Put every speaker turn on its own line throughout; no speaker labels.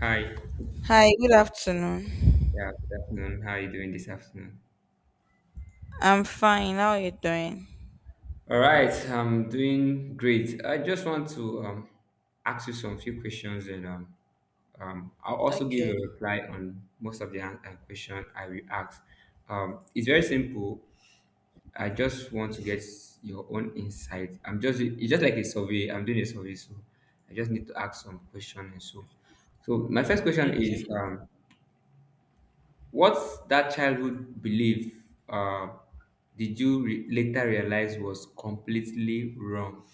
Hi.
Hi, good afternoon.
Yeah, good afternoon. How are you doing this afternoon?
I'm fine. How are you doing?
All right, I'm doing great. I just want to ask you some few questions and I'll also give you
Okay,
a reply on most of the question I will ask. It's very simple. I just want to get your own insight. I'm just It's just like a survey. I'm doing a survey, so I just need to ask some questions and so. So my first question
okay.
is, what's that childhood belief did you later realize was completely wrong?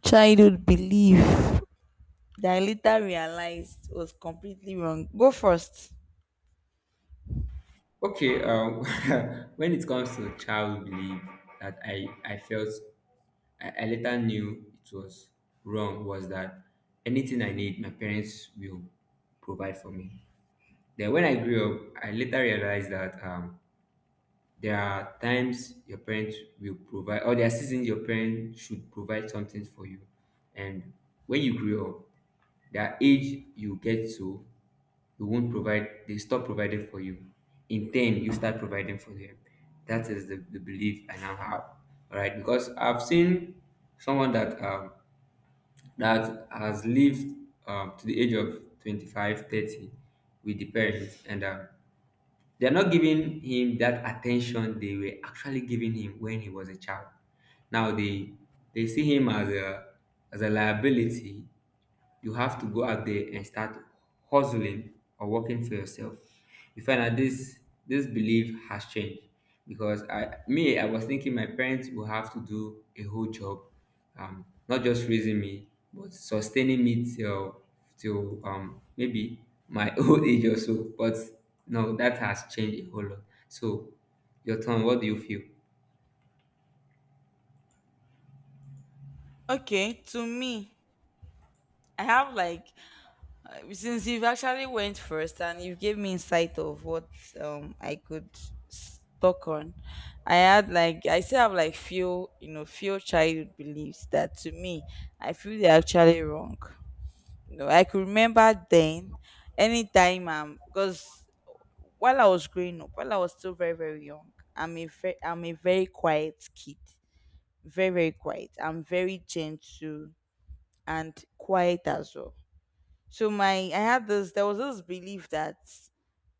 Childhood belief that I later realized was completely wrong. Go first.
Okay, when it comes to childhood belief that I felt I later knew it was wrong was that anything I need, my parents will provide for me. Then when I grew up, I later realized that there are times your parents will provide, or there are seasons your parents should provide something for you. And when you grew up, the age you get to, you won't provide, they stop providing for you. In 10, you start providing for them. That is the belief I now have. All right, because I've seen someone that that has lived to the age of 25, 30, with the parents, and they're not giving him that attention they were actually giving him when he was a child. Now they see him as a liability. You have to go out there and start hustling or working for yourself. You find that this belief has changed because I me I was thinking my parents will have to do a whole job, not just raising me but sustaining me till maybe my old age or so. But no, that has changed a whole lot. So, your turn. What do you feel?
Okay, to me, I have like since you've actually went first and you gave me insight of what I could talk on. I still have like few you know few childhood beliefs that to me I feel they're actually wrong. No, I could remember then, anytime because while I was growing up, while I was still very very young, I'm a very quiet kid, very very quiet. I'm very gentle and quiet as well. So my I had this there was this belief that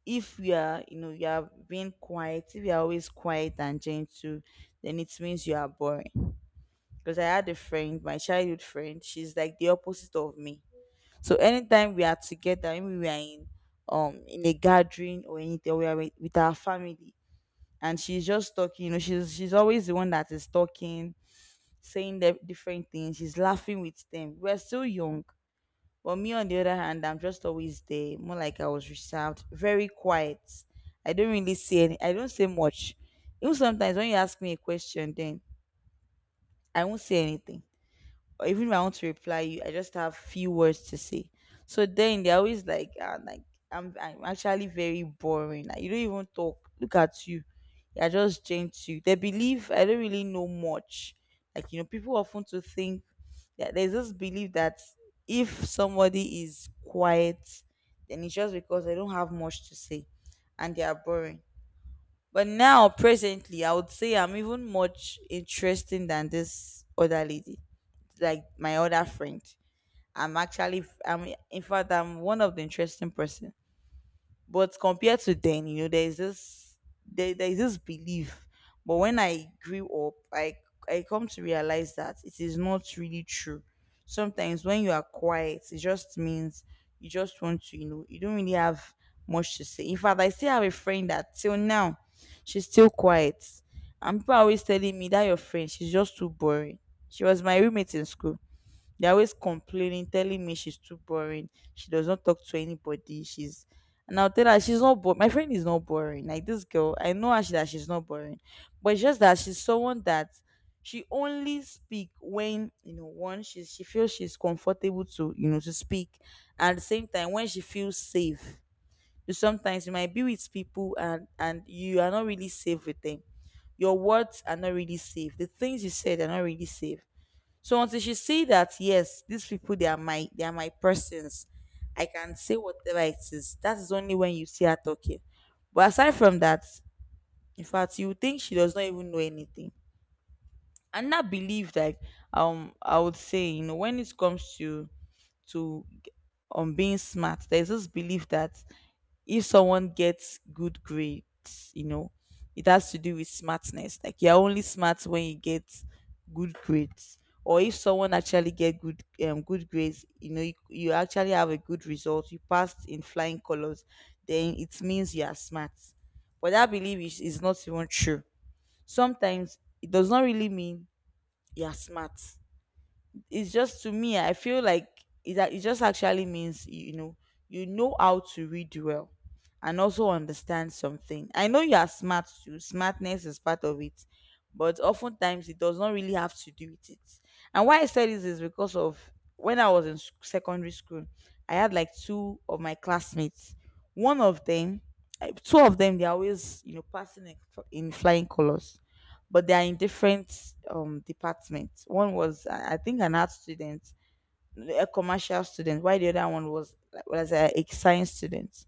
if you are you are being quiet, if you are always quiet and gentle, then it means you are boring. Because I had a friend, my childhood friend, she's like the opposite of me, so anytime we are together, when we are in a gathering or anything, we are with our family, and she's just talking. You know, she's always the one that is talking, saying the different things. She's laughing with them. We're still young, but me on the other hand, I'm just always there, more like I was reserved, very quiet. I don't really say any. I don't say much. Even sometimes when you ask me a question, then I won't say anything, or even if I want to reply you, I just have few words to say. So then they're always like, ah, like I'm actually very boring. Like, you don't even talk. Look at you. You're just Gen 2. They believe I don't really know much. Like, you know, people often to think that there's this belief that if somebody is quiet, then it's just because they don't have much to say and they are boring. But now, presently, I would say I'm even much interesting than this other lady, like my other friend. I'm in fact, I'm one of the interesting person. But compared to then, you know, there's this belief. But when I grew up, I come to realize that it is not really true. Sometimes when you are quiet, it just means you just want to, you know, you don't really have much to say. In fact, I still have a friend that till now, she's still quiet. And people are always telling me that your friend, she's just too boring. She was my roommate in school. They're always complaining, telling me she's too boring. She does not talk to anybody. She's and I'll tell her she's not boring. My friend is not boring. Like this girl, I know her, that she's not boring, but it's just that she's someone that she only speak when one she feels she's comfortable to, to speak, and at the same time when she feels safe. You sometimes you might be with people and you are not really safe with them. Your words are not really safe. The things you said are not really safe, so until she see that yes, these people, they are my persons, I can say whatever it is. That is only when you see her talking. But aside from that, in fact, you think she does not even know anything. And that belief, like I would say, you know, when it comes to to being smart, there's this belief that if someone gets good grades, you know, it has to do with smartness. Like you're only smart when you get good grades. Or if someone actually get good good grades, you know, you actually have a good result, you passed in flying colors, then it means you are smart. But that belief is not even true. Sometimes it does not really mean you are smart. It's just, to me, I feel like that it just actually means, you know, you know how to read well and also understand something. I know you are smart too; smartness is part of it, but oftentimes it does not really have to do with it. And why I said this is because of when I was in secondary school, I had like 2 of my classmates. One of them, two of them, they're always, you know, passing in flying colors, but they are in different departments. One was, I think, an art student, a commercial student, while the other one was like, was a science student.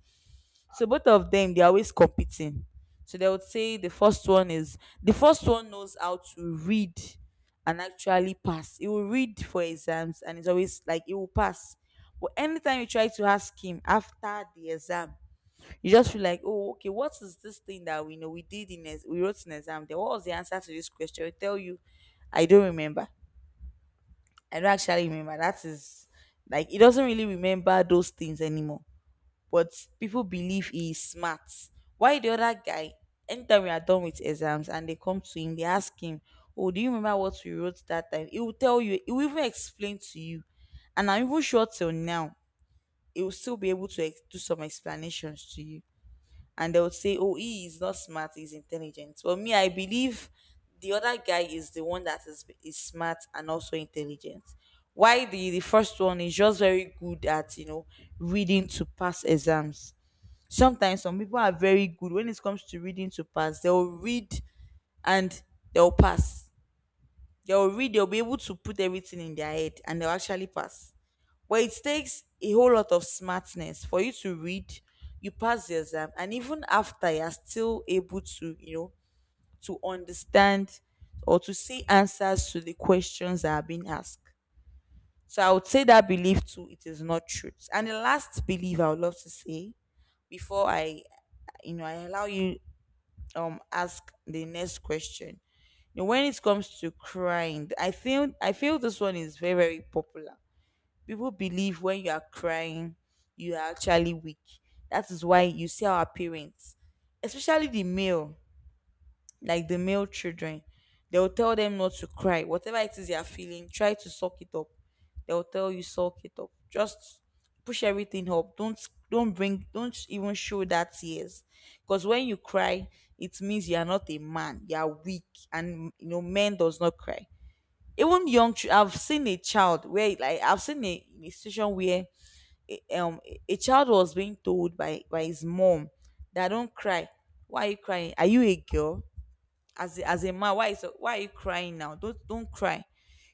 So both of them, they're always competing. So they would say the first one, knows how to read and actually pass. He will read for exams and it's always like he will pass. But anytime you try to ask him after the exam, you just feel like, oh, okay, what is this thing that we know we did in we wrote in exam? There, what was the answer to this question? I tell you, I don't remember. I don't actually remember. That is, like, he doesn't really remember those things anymore. But people believe he is smart. Why the other guy? Anytime we are done with exams and they come to him, they ask him, "Oh, do you remember what we wrote that time?" He will tell you. He will even explain to you, and I'm even sure till now he will still be able to do some explanations to you, and they would say, "Oh, he is not smart; he's intelligent." But me, I believe the other guy is the one that is smart and also intelligent. Why the first one is just very good at, you know, reading to pass exams. Sometimes some people are very good when it comes to reading to pass. They will read and they'll pass. They'll read. They'll be able to put everything in their head and they'll actually pass, but it takes a whole lot of smartness for you to read, you pass the exam, and even after you are still able to, you know, to understand or to see answers to the questions that are being asked. So I would say that belief too, it is not truth. And the last belief I would love to say before I I allow you ask the next question. You know, when it comes to crying, I feel this one is very, very popular. People believe when you are crying, you are actually weak. That is why you see our parents, especially the male, like the male children, they will tell them not to cry. Whatever it is they are feeling, try to suck it up. They will tell you suck it up. Just push everything up. Don't even show that tears. Because when you cry, it means you are not a man. You are weak, and you know men does not cry, even young I've seen a child where, like, I've seen a situation where a- um a child was being told by his mom that don't cry, why are you crying, are you a girl, as as a man, why are you crying, now don't cry,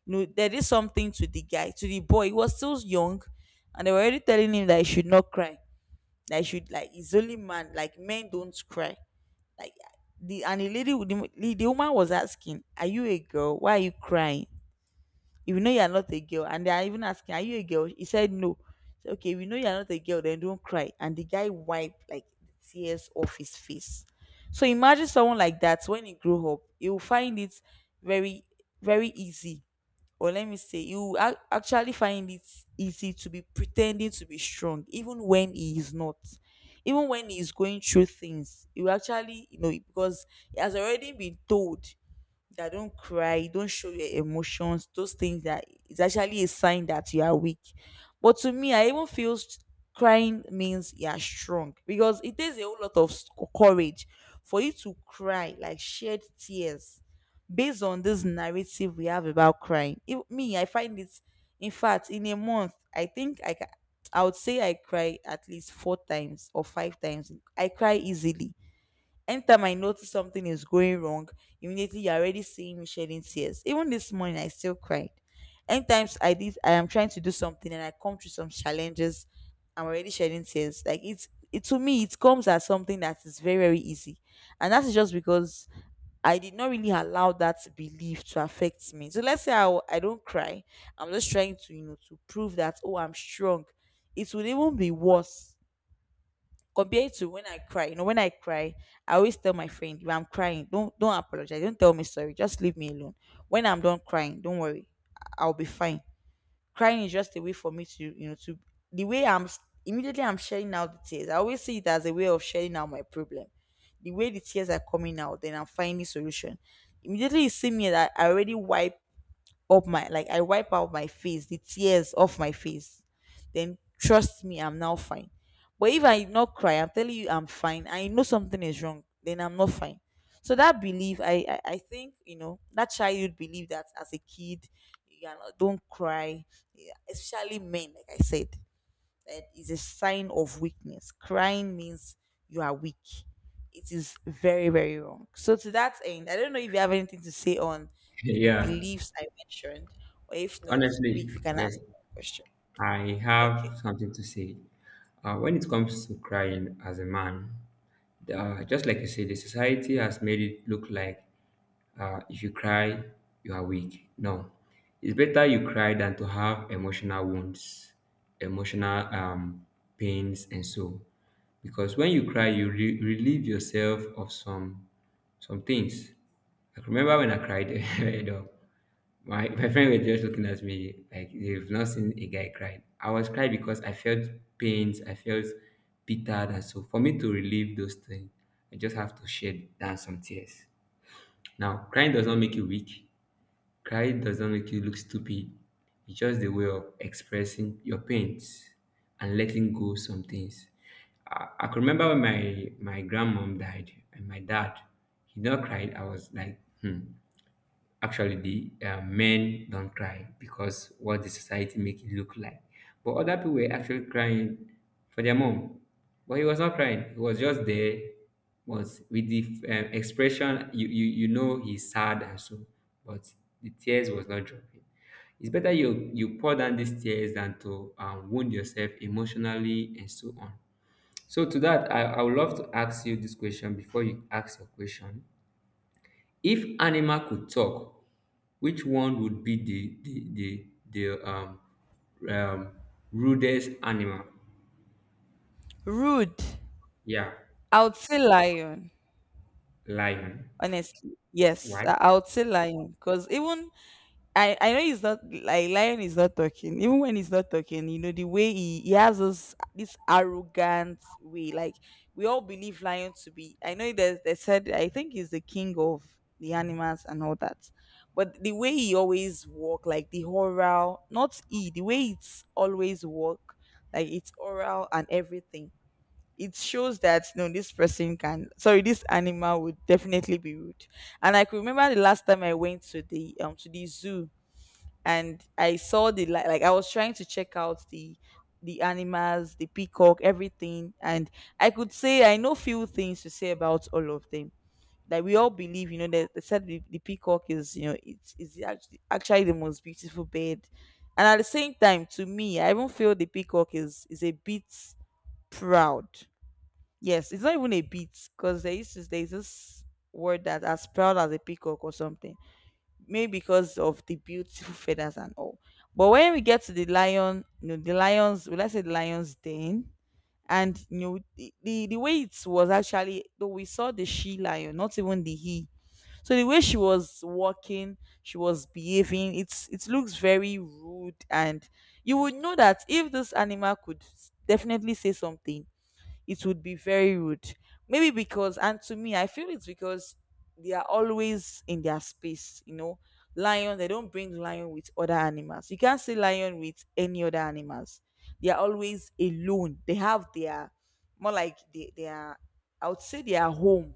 you know. There is something to the guy, to the boy. He was still young, and they were already telling him that he should not cry, that he should, like, he's only man, like men don't cry. Like, the lady with the woman was asking, are you a girl, why are you crying, if you know you are not a girl, and they are even asking, are you a girl? He said no. So, okay, we know you are not a girl, then don't cry. And the guy wiped like the tears off his face. So imagine someone like that, when he grew up, he will find it very, very easy. Or let me say, he will actually find it easy to be pretending to be strong, even when he is not. Even when he is going through things, he will actually, you know, because he has already been told that don't cry, don't show your emotions, those things that is actually a sign that you are weak. But to me, I even feel crying means you are strong, because it takes a whole lot of courage for you to cry, like shed tears, based on this narrative we have about crying. If me, I find it, in fact, in a month, I think I can. I would say I cry at least 4 times or 5 times. I cry easily. Anytime I notice something is going wrong, immediately you're already seeing me shedding tears. Even this morning, I still cried. Anytimes I did, I am trying to do something and I come through some challenges, I'm already shedding tears. Like it's it To me, it comes as something that is very very easy, and that's just because I did not really allow that belief to affect me. So let's say I don't cry. I'm just trying to, to prove that, oh, I'm strong. It would even be worse compared to when I cry. You know, when I cry, I always tell my friend, if I'm crying, don't apologize. Don't tell me sorry. Just leave me alone. When I'm done crying, don't worry. I'll be fine. Crying is just a way for me to, you know, to the way I'm s- immediately I'm sharing out the tears. I always see it as a way of sharing out my problem. The way the tears are coming out, then I'm finding solution. Immediately you see me that I already wipe up my like I wipe out my face, the tears off my face. Then trust me, I'm now fine. But if I not cry, I'm telling you I'm fine. I know something is wrong, then I'm not fine. So that belief, I think you know that childhood belief that as a kid, you know, don't cry, yeah, especially men, like I said. It is a sign of weakness. Crying means you are weak. It is very, very wrong. So to that end, I don't know if you have anything to say on you know, the
Yeah,
beliefs I mentioned, or if not,
honestly,
we can
yes.
ask a question.
I
Okay.
have something to say. When it comes to crying as a man, just like you say, the society has made it look like if you cry, you are weak. No, it's better you cry than to have emotional wounds, emotional pains, and so. Because when you cry, you relieve yourself of some things. I remember when I cried, you know, my friend were just looking at me like they've not seen a guy cry. I was crying because I felt pains, I felt bitter, and so for me to relieve those things, I just have to shed down some tears. Now, crying does not make you weak. Crying does not make you look stupid. It's just the way of expressing your pains and letting go some things. I can remember when my grandmom died and my dad, he not cried. I was like, hmm. Actually, the men don't cry because what the society make it look like. But other people were actually crying for their mom, but he was not crying. He was just there, was with the expression you know he's sad and so, but the tears was not dropping. It's better you pour down these tears than to wound yourself emotionally and so on. So to that, I would love to ask you this question before you ask your question. If animal could talk, which one would be the um rudest animal?
Rude.
Yeah,
I would say lion.
lion.
Honestly, yes,
Why?
I would say lion because even I know he's not like lion is not talking even when he's not talking you know the way he has this arrogant way like we all believe lion to be. I know there's they said I think he's the king of the animals and all that, but the way he always walk like the oral not he the way it's always walk like it's oral and everything, it shows that no this person can, sorry, this animal would definitely be rude. And I could remember the last time I went to the zoo and I saw the light. Like I was trying to check out the animals, the peacock, everything, and I could say I know few things to say about all of them. Like we all believe, you know, that they said the peacock is, you know, it's is actually, actually the most beautiful bird. And at the same time, to me, I even feel the peacock is a bit proud. Yes, it's not even a bit because there is this word that as proud as a peacock or something, maybe because of the beautiful feathers and all. But when we get to the lion, you know, the lions, well, let's say the lion's den, and you know, the way it was actually, though we saw the she lion, not even the he. So the way she was walking, she was behaving, it's it looks very rude, and you would know that if this animal could definitely say something, it would be very rude. Maybe because, and to me, I feel it's because they are always in their space. You know, lion, they don't bring lion with other animals. You can't see lion with any other animals. They are always alone. They have their, more like they are, I would say they are home.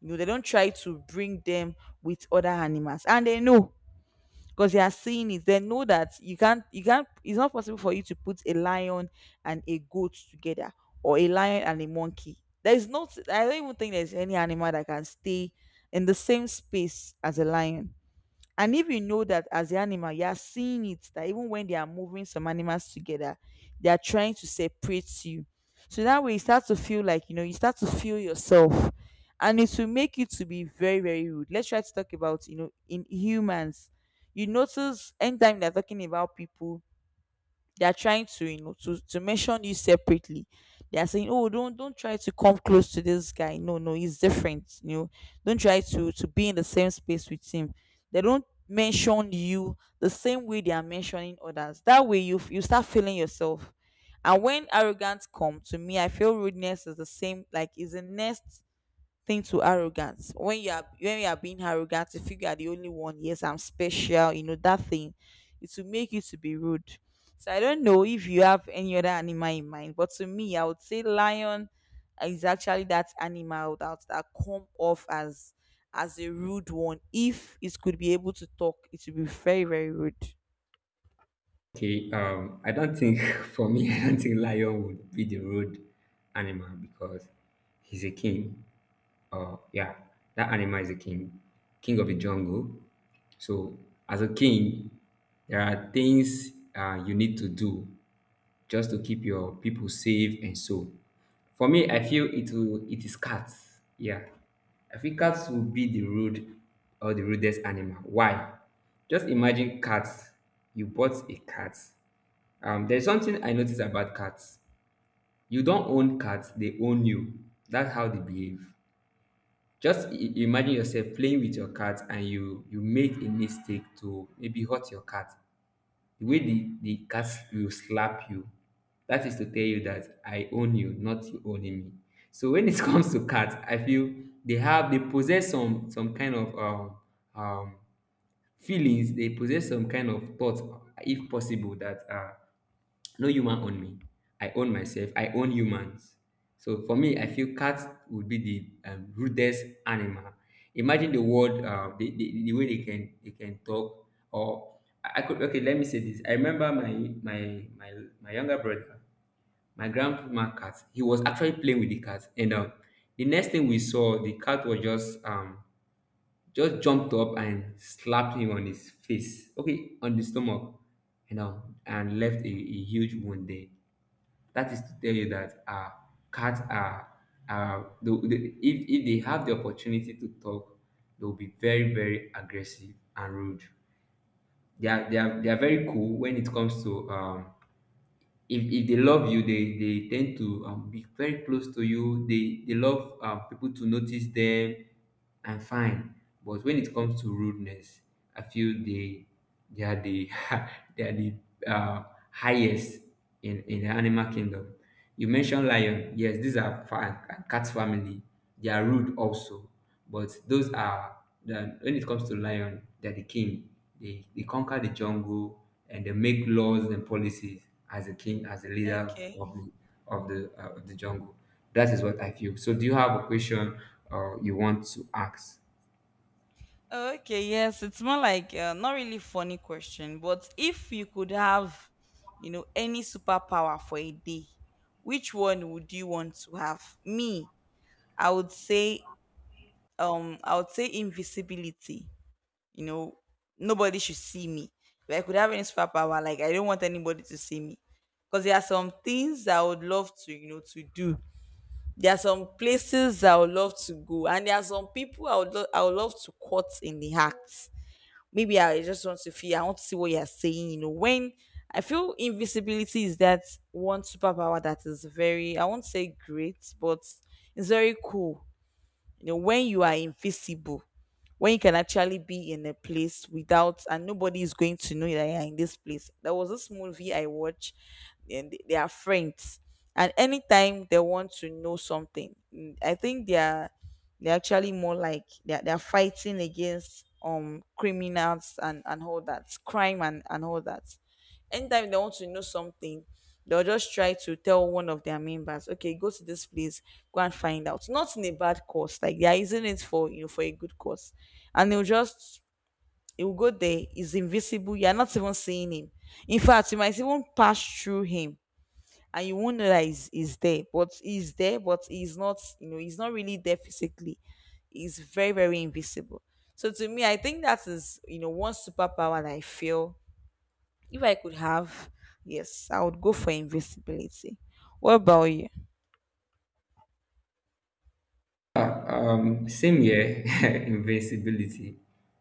You know, they don't try to bring them with other animals. And they know because they are seeing it, they know that you can't, it's not possible for you to put a lion and a goat together, or a lion and a monkey. There is not, I don't even think there's any animal that can stay in the same space as a lion. And if you know that as the animal, you are seeing it, that even when they are moving some animals together, they are trying to separate you. So that way you start to feel like, you know, you start to feel yourself. And it will make you to be very, very rude. Let's try to talk about, you know, in humans. You notice anytime they're talking about people, they are trying to you know to mention you separately. They are saying oh don't try to come close to this guy, no no he's different, you know, don't try to be in the same space with him. They don't mention you the same way they are mentioning others. That way you you start feeling yourself. And when arrogance come to me, I feel rudeness is the same, like is the next thing to arrogance. When you are being arrogant, you feel you are the only one, yes I'm special, you know that thing, it will make you to be rude. So I don't know if you have any other animal in mind, but to me I would say lion is actually that animal that come off as a rude one. If it could be able to talk, it would be very very rude.
Okay, I don't think for me I don't think lion would be the rude animal because he's a king. Yeah, that animal is a king, king of the jungle. So as a king, there are things you need to do just to keep your people safe and so. For me, I feel it is cats. Yeah. I feel cats will be the rude or the rudest animal. Why? Just imagine cats. You bought a cat. There's something I noticed about cats. You don't own cats, they own you. That's how they behave. Just imagine yourself playing with your cat and you make a mistake to maybe hurt your cat. The way the cat will slap you, that is to tell you that I own you, not you owning me. So when it comes to cats, I feel they possess some kind of um feelings. They possess some kind of thought, if possible, that no human own me. I own myself. I own humans. So for me, I feel cats would be the rudest animal. Imagine the word, the way they can talk. Or I could, okay, let me say this. I remember my my my younger brother, my grandma cat. He was actually playing with the cat, and the next thing we saw, the cat was just jumped up and slapped him on his face. Okay, on the stomach, you know, and left a huge wound there. That is to tell you that cats are if they have the opportunity to talk, they'll be very very aggressive and rude. They are very cool when it comes to if they love you, they tend to be very close to you. They love people to notice them and fine. But when it comes to rudeness, I feel they are the they are the uh, highest in the animal kingdom. You mentioned lion. Yes, these are cat family. They are rude also. But those are the when it comes to lion, they're the king. They conquer the jungle and they make laws and policies as a king, as a leader
Okay.
of the of the jungle. That is what I feel. So, do you have a question or you want to ask?
Okay, yes, it's more like not really funny question, but if you could have, you know, any superpower for a day, which one would you want to have? Me, I would say, I would say invisibility. You know, nobody should see me. If I could have any superpower, like I don't want anybody to see me, because there are some things I would love to, you know, to do. There are some places I would love to go, and there are some people I would, I would love to cut in the act. Maybe I just want to feel, I want to see what you're saying. You know, when I feel invisibility is that one superpower that is very, I won't say great, but it's very cool. You know, when you are invisible, when you can actually be in a place without and nobody is going to know that you're in this place. There was this movie I watched, and they are friends. And anytime they want to know something, mm, I think they are, they're actually more like they're fighting against criminals and all that crime and all that. Anytime they want to know something, they'll just try to tell one of their members, okay, go to this place, go and find out. Not in a bad course, like they're using it for you know for a good cause. And they'll just, he'll go there, he's invisible, you're not even seeing him. In fact, you might even pass through him and you won't know that he's there, but he's there, but he's not, you know, he's not really there physically. He's very very invisible. So to me I think that is you know one superpower that I feel if I could have, yes, I would go for invisibility. What about you?
Uh, same here, invincibility.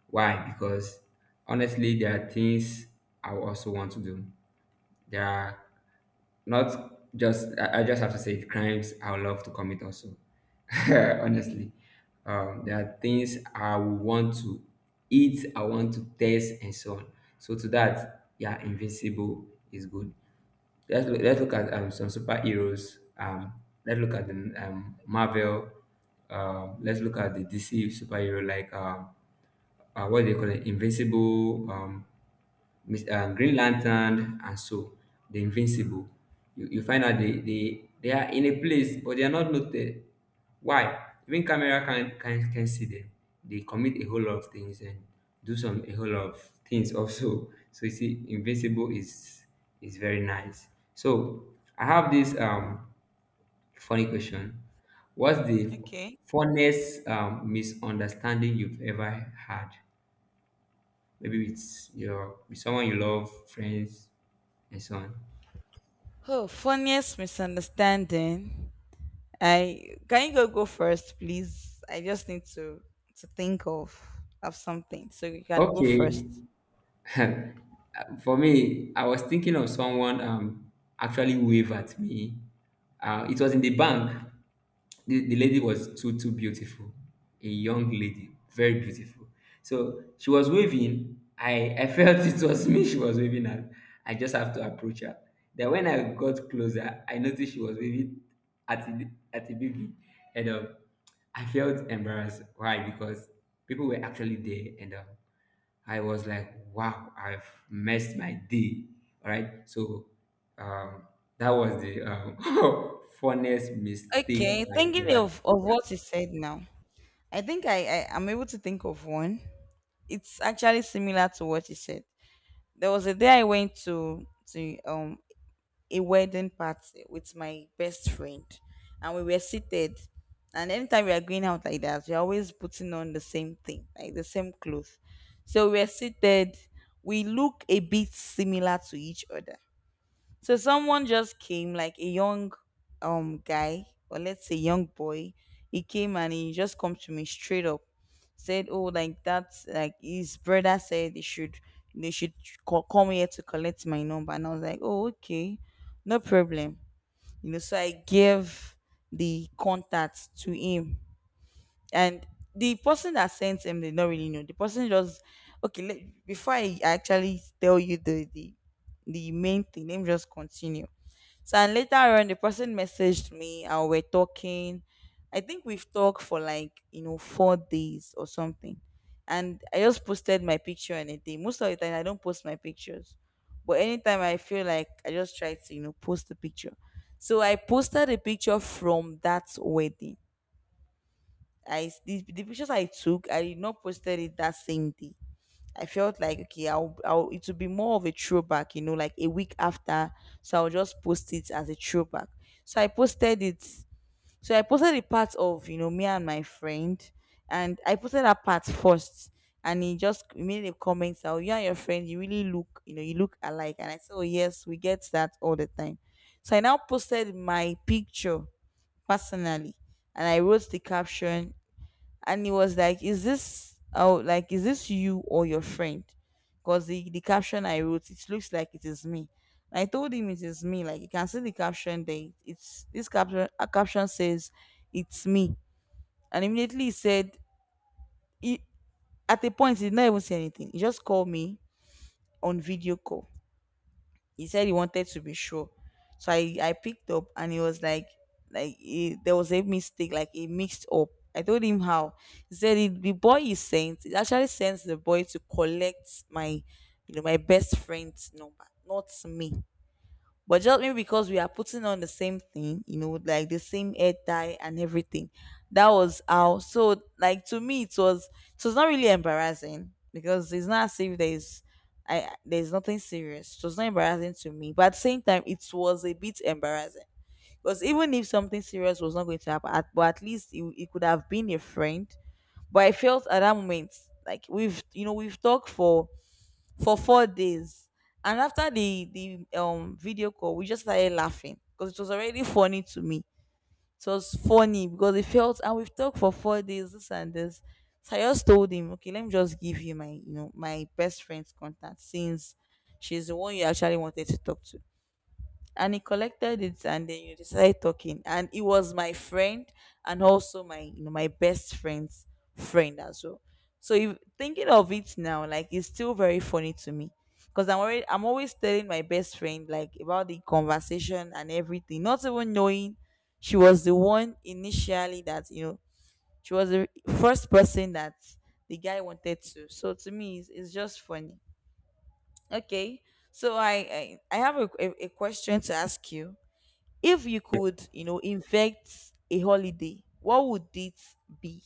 Why? Because honestly, there are things I also want to do. There are not just I just have to say it, crimes I would love to commit also. Honestly, there are things I would want to eat, I want to taste, and so on. So to that, yeah, invincible is good. Let's look at some superheroes. Let's look at the Marvel. Let's look at the DC superhero like what do you call it? Invincible, Green Lantern, and so the Invincible. You find out they are in a place, but they are not noted. Why? Even camera can see them. They commit a whole lot of things and do some a whole lot of things also. So you see, Invincible is very nice. So I have this funny question. What's the
Okay.
funniest misunderstanding you've ever had? Maybe with your with someone you love, friends, and so on.
Oh, funniest misunderstanding. I can, you go first, please? I just need to think of something, so you can go first.
Okay, for me, I was thinking of someone actually wave at me. It was in the bank. The lady was too beautiful, a young lady, very beautiful. So she was waving. I felt it was me she was waving at. I just have to approach her. Then when I got closer, I noticed she was waving at the baby, and I felt embarrassed. Why? Because people were actually there, and I was like, wow, I've messed my day. All right. So um, that was the funniest mistake
Okay,
I
thinking
ever.
of
Yeah.
what you said now. I think I'm able to think of one. It's actually similar to what you said. There was a day I went to a wedding party with my best friend, and we were seated. And anytime we are going out like that, we're always putting on the same thing, like the same clothes. So we were seated. We look a bit similar to each other. So someone just came, like a young guy, or let's say young boy. He came and he just come to me straight up, said, "Oh, like that's like his brother said they should they should call, come here to collect my number." And I was like, "Oh, okay, no problem." You know, so I gave the contact to him, and the person that sent him did not really know. The person just okay. Let, before I actually tell you the main thing, let me just continue. So and later on, the person messaged me and we're talking. I think we've talked for like you know 4 days or something. And I just posted my picture on a day. Most of the time, I don't post my pictures, but anytime I feel like I just try to you know post the picture. So I posted a picture from that wedding. I the pictures I took, I did not posted it that same day. I felt like okay, I'll it will be more of a throwback, you know, like a week after. So I'll just post it as a throwback. So I posted it. So I posted the part of me and my friend, and I posted that part first, and he just made a comment that, oh, you and your friend, you really look, you look alike. And I said, oh yes, we get that all the time. So I now posted my picture personally, and I wrote the caption, and he was like, is this, oh, like, is this you or your friend? Because the caption I wrote, it looks like it is me. And I told him it is me. Like, you can see the caption there. It's this caption. A caption says it's me. And immediately he said he, at a point he did not even say anything. He just called me on video call. He said he wanted to be sure. So I picked up and he was like, there was a mistake, like he mixed up. I told him how. He said the boy he sent, it actually sends the boy to collect my, my best friend's number, not me. But just maybe because we are putting on the same thing, like the same hair dye and everything. That was how. So, like, to me, it was, it was not really embarrassing because it's not as if there's, I there's nothing serious. It was not embarrassing to me, but at the same time, it was a bit embarrassing because even if something serious was not going to happen, but at least it could have been a friend. But I felt at that moment, like, we've, we've talked for 4 days. And after the video call, we just started laughing because it was already funny to me. It was funny because it felt, and we've talked for 4 days, this and this. So I just told him, okay, let me just give you my, my best friend's contact, since she's the one you actually wanted to talk to. And he collected it, and then you decided talking, and he was my friend and also my, my best friend's friend as well. So if thinking of it now, like, it's still very funny to me because I'm always telling my best friend, like, about the conversation and everything, not even knowing she was the one initially that, she was the first person that the guy wanted to. So to me, it's just funny. Okay, so I have a, a question to ask you. If you could, infect a holiday, what would it be?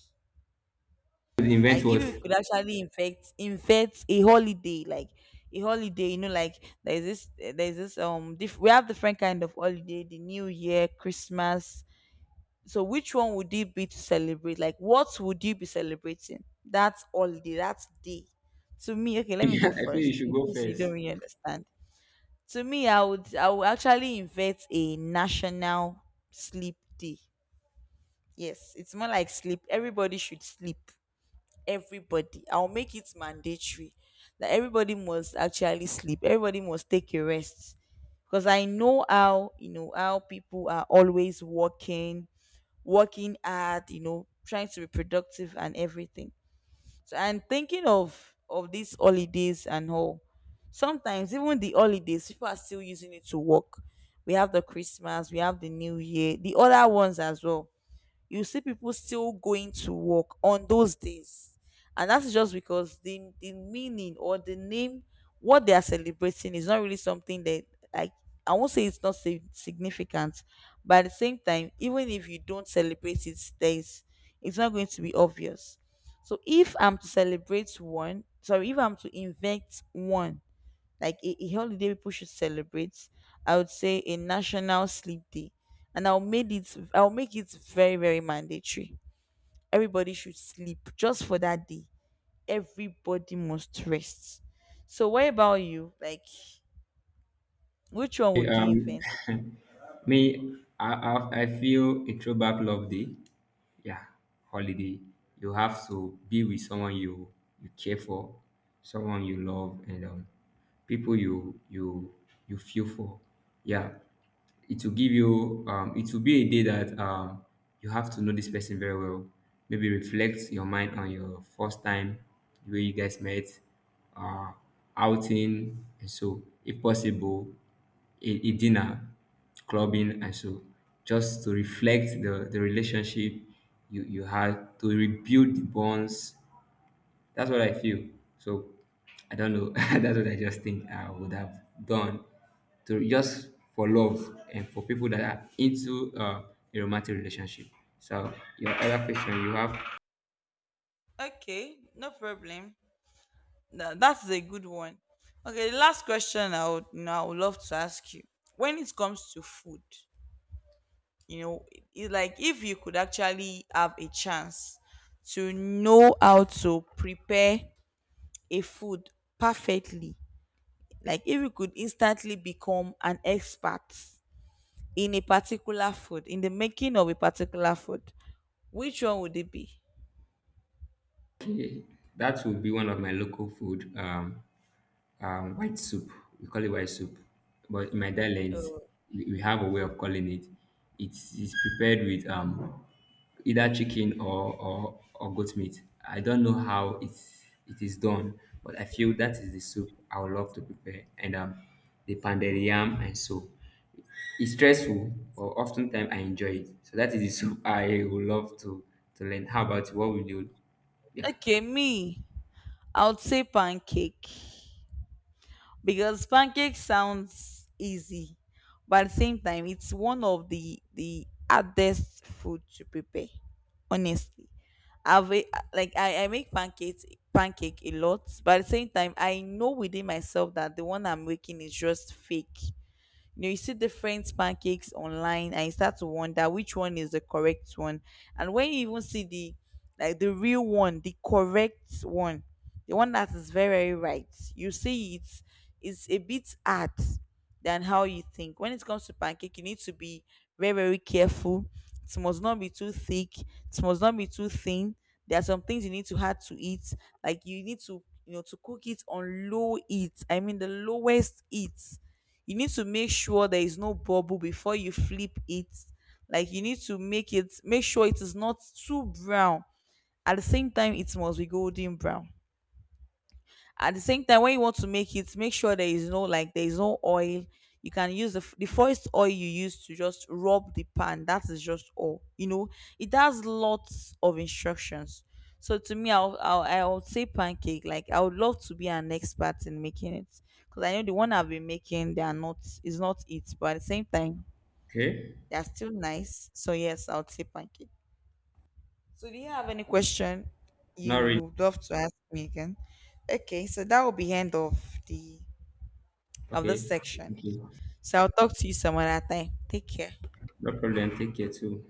The event
Like, if
was,
you could actually infect a holiday, like a holiday, you know, like there's this, we have different kind of holiday, the New Year, Christmas. So which one would it be to celebrate? Like, what would you be celebrating? That's holiday, that's day. To me, okay, let me
yeah,
go
I feel you
first
should
in
go
case you don't
first.
really understand. To me, I would, I would actually invent a national sleep day. Yes, it's more like sleep. Everybody should sleep. Everybody. I'll make it mandatory that everybody must actually sleep. Everybody must take a rest. Because I know how, you know, how people are always working, working hard, you know, trying to be productive and everything. So I'm thinking of these holidays and all. Sometimes even the holidays, people are still using it to work. We have the Christmas, we have the New Year, the other ones as well. You see people still going to work on those days. And that's just because the meaning or the name, what they are celebrating is not really something that, like, I won't say it's not significant, but at the same time, even if you don't celebrate it, days, it's not going to be obvious. So if I'm to celebrate one, sorry, if I'm to invent one, like a holiday people should celebrate, I would say a national sleep day. And I'll make it, I'll make it very, very mandatory. Everybody should sleep just for that day. Everybody must rest. So what about you? Like, which one would you invent?
Me, I feel a throwback love day. Yeah, holiday. You have to be with someone you care for, someone you love, and people you feel for. Yeah, it will give you it will be a day that you have to know this person very well. Maybe reflect your mind on your first time, the way you guys met, uh, outing, and so if possible, a dinner, clubbing, and so. Just to reflect the relationship you had, to rebuild the bonds, that's what I feel. So I don't know. That's what I just think I would have done to just for love and for people that are into a romantic relationship. So your other question you have,
Okay, no problem. That's a good one. Okay, the last question I would, you know, I would love to ask you. When it comes to food, you know, it's like, if you could actually have a chance to know how to prepare a food perfectly, like if you could instantly become an expert in a particular food, in the making of a particular food, which one would it be?
okay, that would be one of my local food. White soup. We call it white soup, but in my dialect,
Oh,
we have a way of calling it. It's prepared with either chicken or goat meat. I don't know how it is done, but I feel that is the soup I would love to prepare. And the pounded yam and so it's stressful, but oftentimes I enjoy it. So that is the soup I would love to learn. How about you? What will you? Yeah.
okay. Me, I would say pancake, because pancake sounds easy, but at the same time it's one of the hardest food to prepare, honestly. i've a- like I make pancake a lot, but at the same time I know within myself that the one I'm making is just fake. You know, you see different pancakes online and you start to wonder which one is the correct one. And when you even see the, like the real one, the correct one, the one that is very, very right, you see it, is a bit hard than how you think. When it comes to pancake, you need to be very, very careful. It must not be too thick, it must not be too thin. There are some things you need to have to eat, like you need to, you know, to cook it on low heat, I mean the lowest heat. You need to make sure there is no bubble before you flip it. Like you need to make it, make sure it is not too brown. At the same time, it must be golden brown. At the same time, when you want to make it, make sure there is no, like there is no oil. You can use the first oil you use to just rub the pan. That is just all, you know. It has lots of instructions. So to me, I'll say pancake. Like, I would love to be an expert in making it, because I know the one I've been making, they are not, is not it. But at the same time,
Okay.
they are still nice. So yes, I'll say pancake. So do you have any question
Not really.
you would love to ask me again? Okay, so that will be end of the, of this
Okay.
section.
Thank you.
So I'll talk to you some other time. Take care.
No problem. Take care too.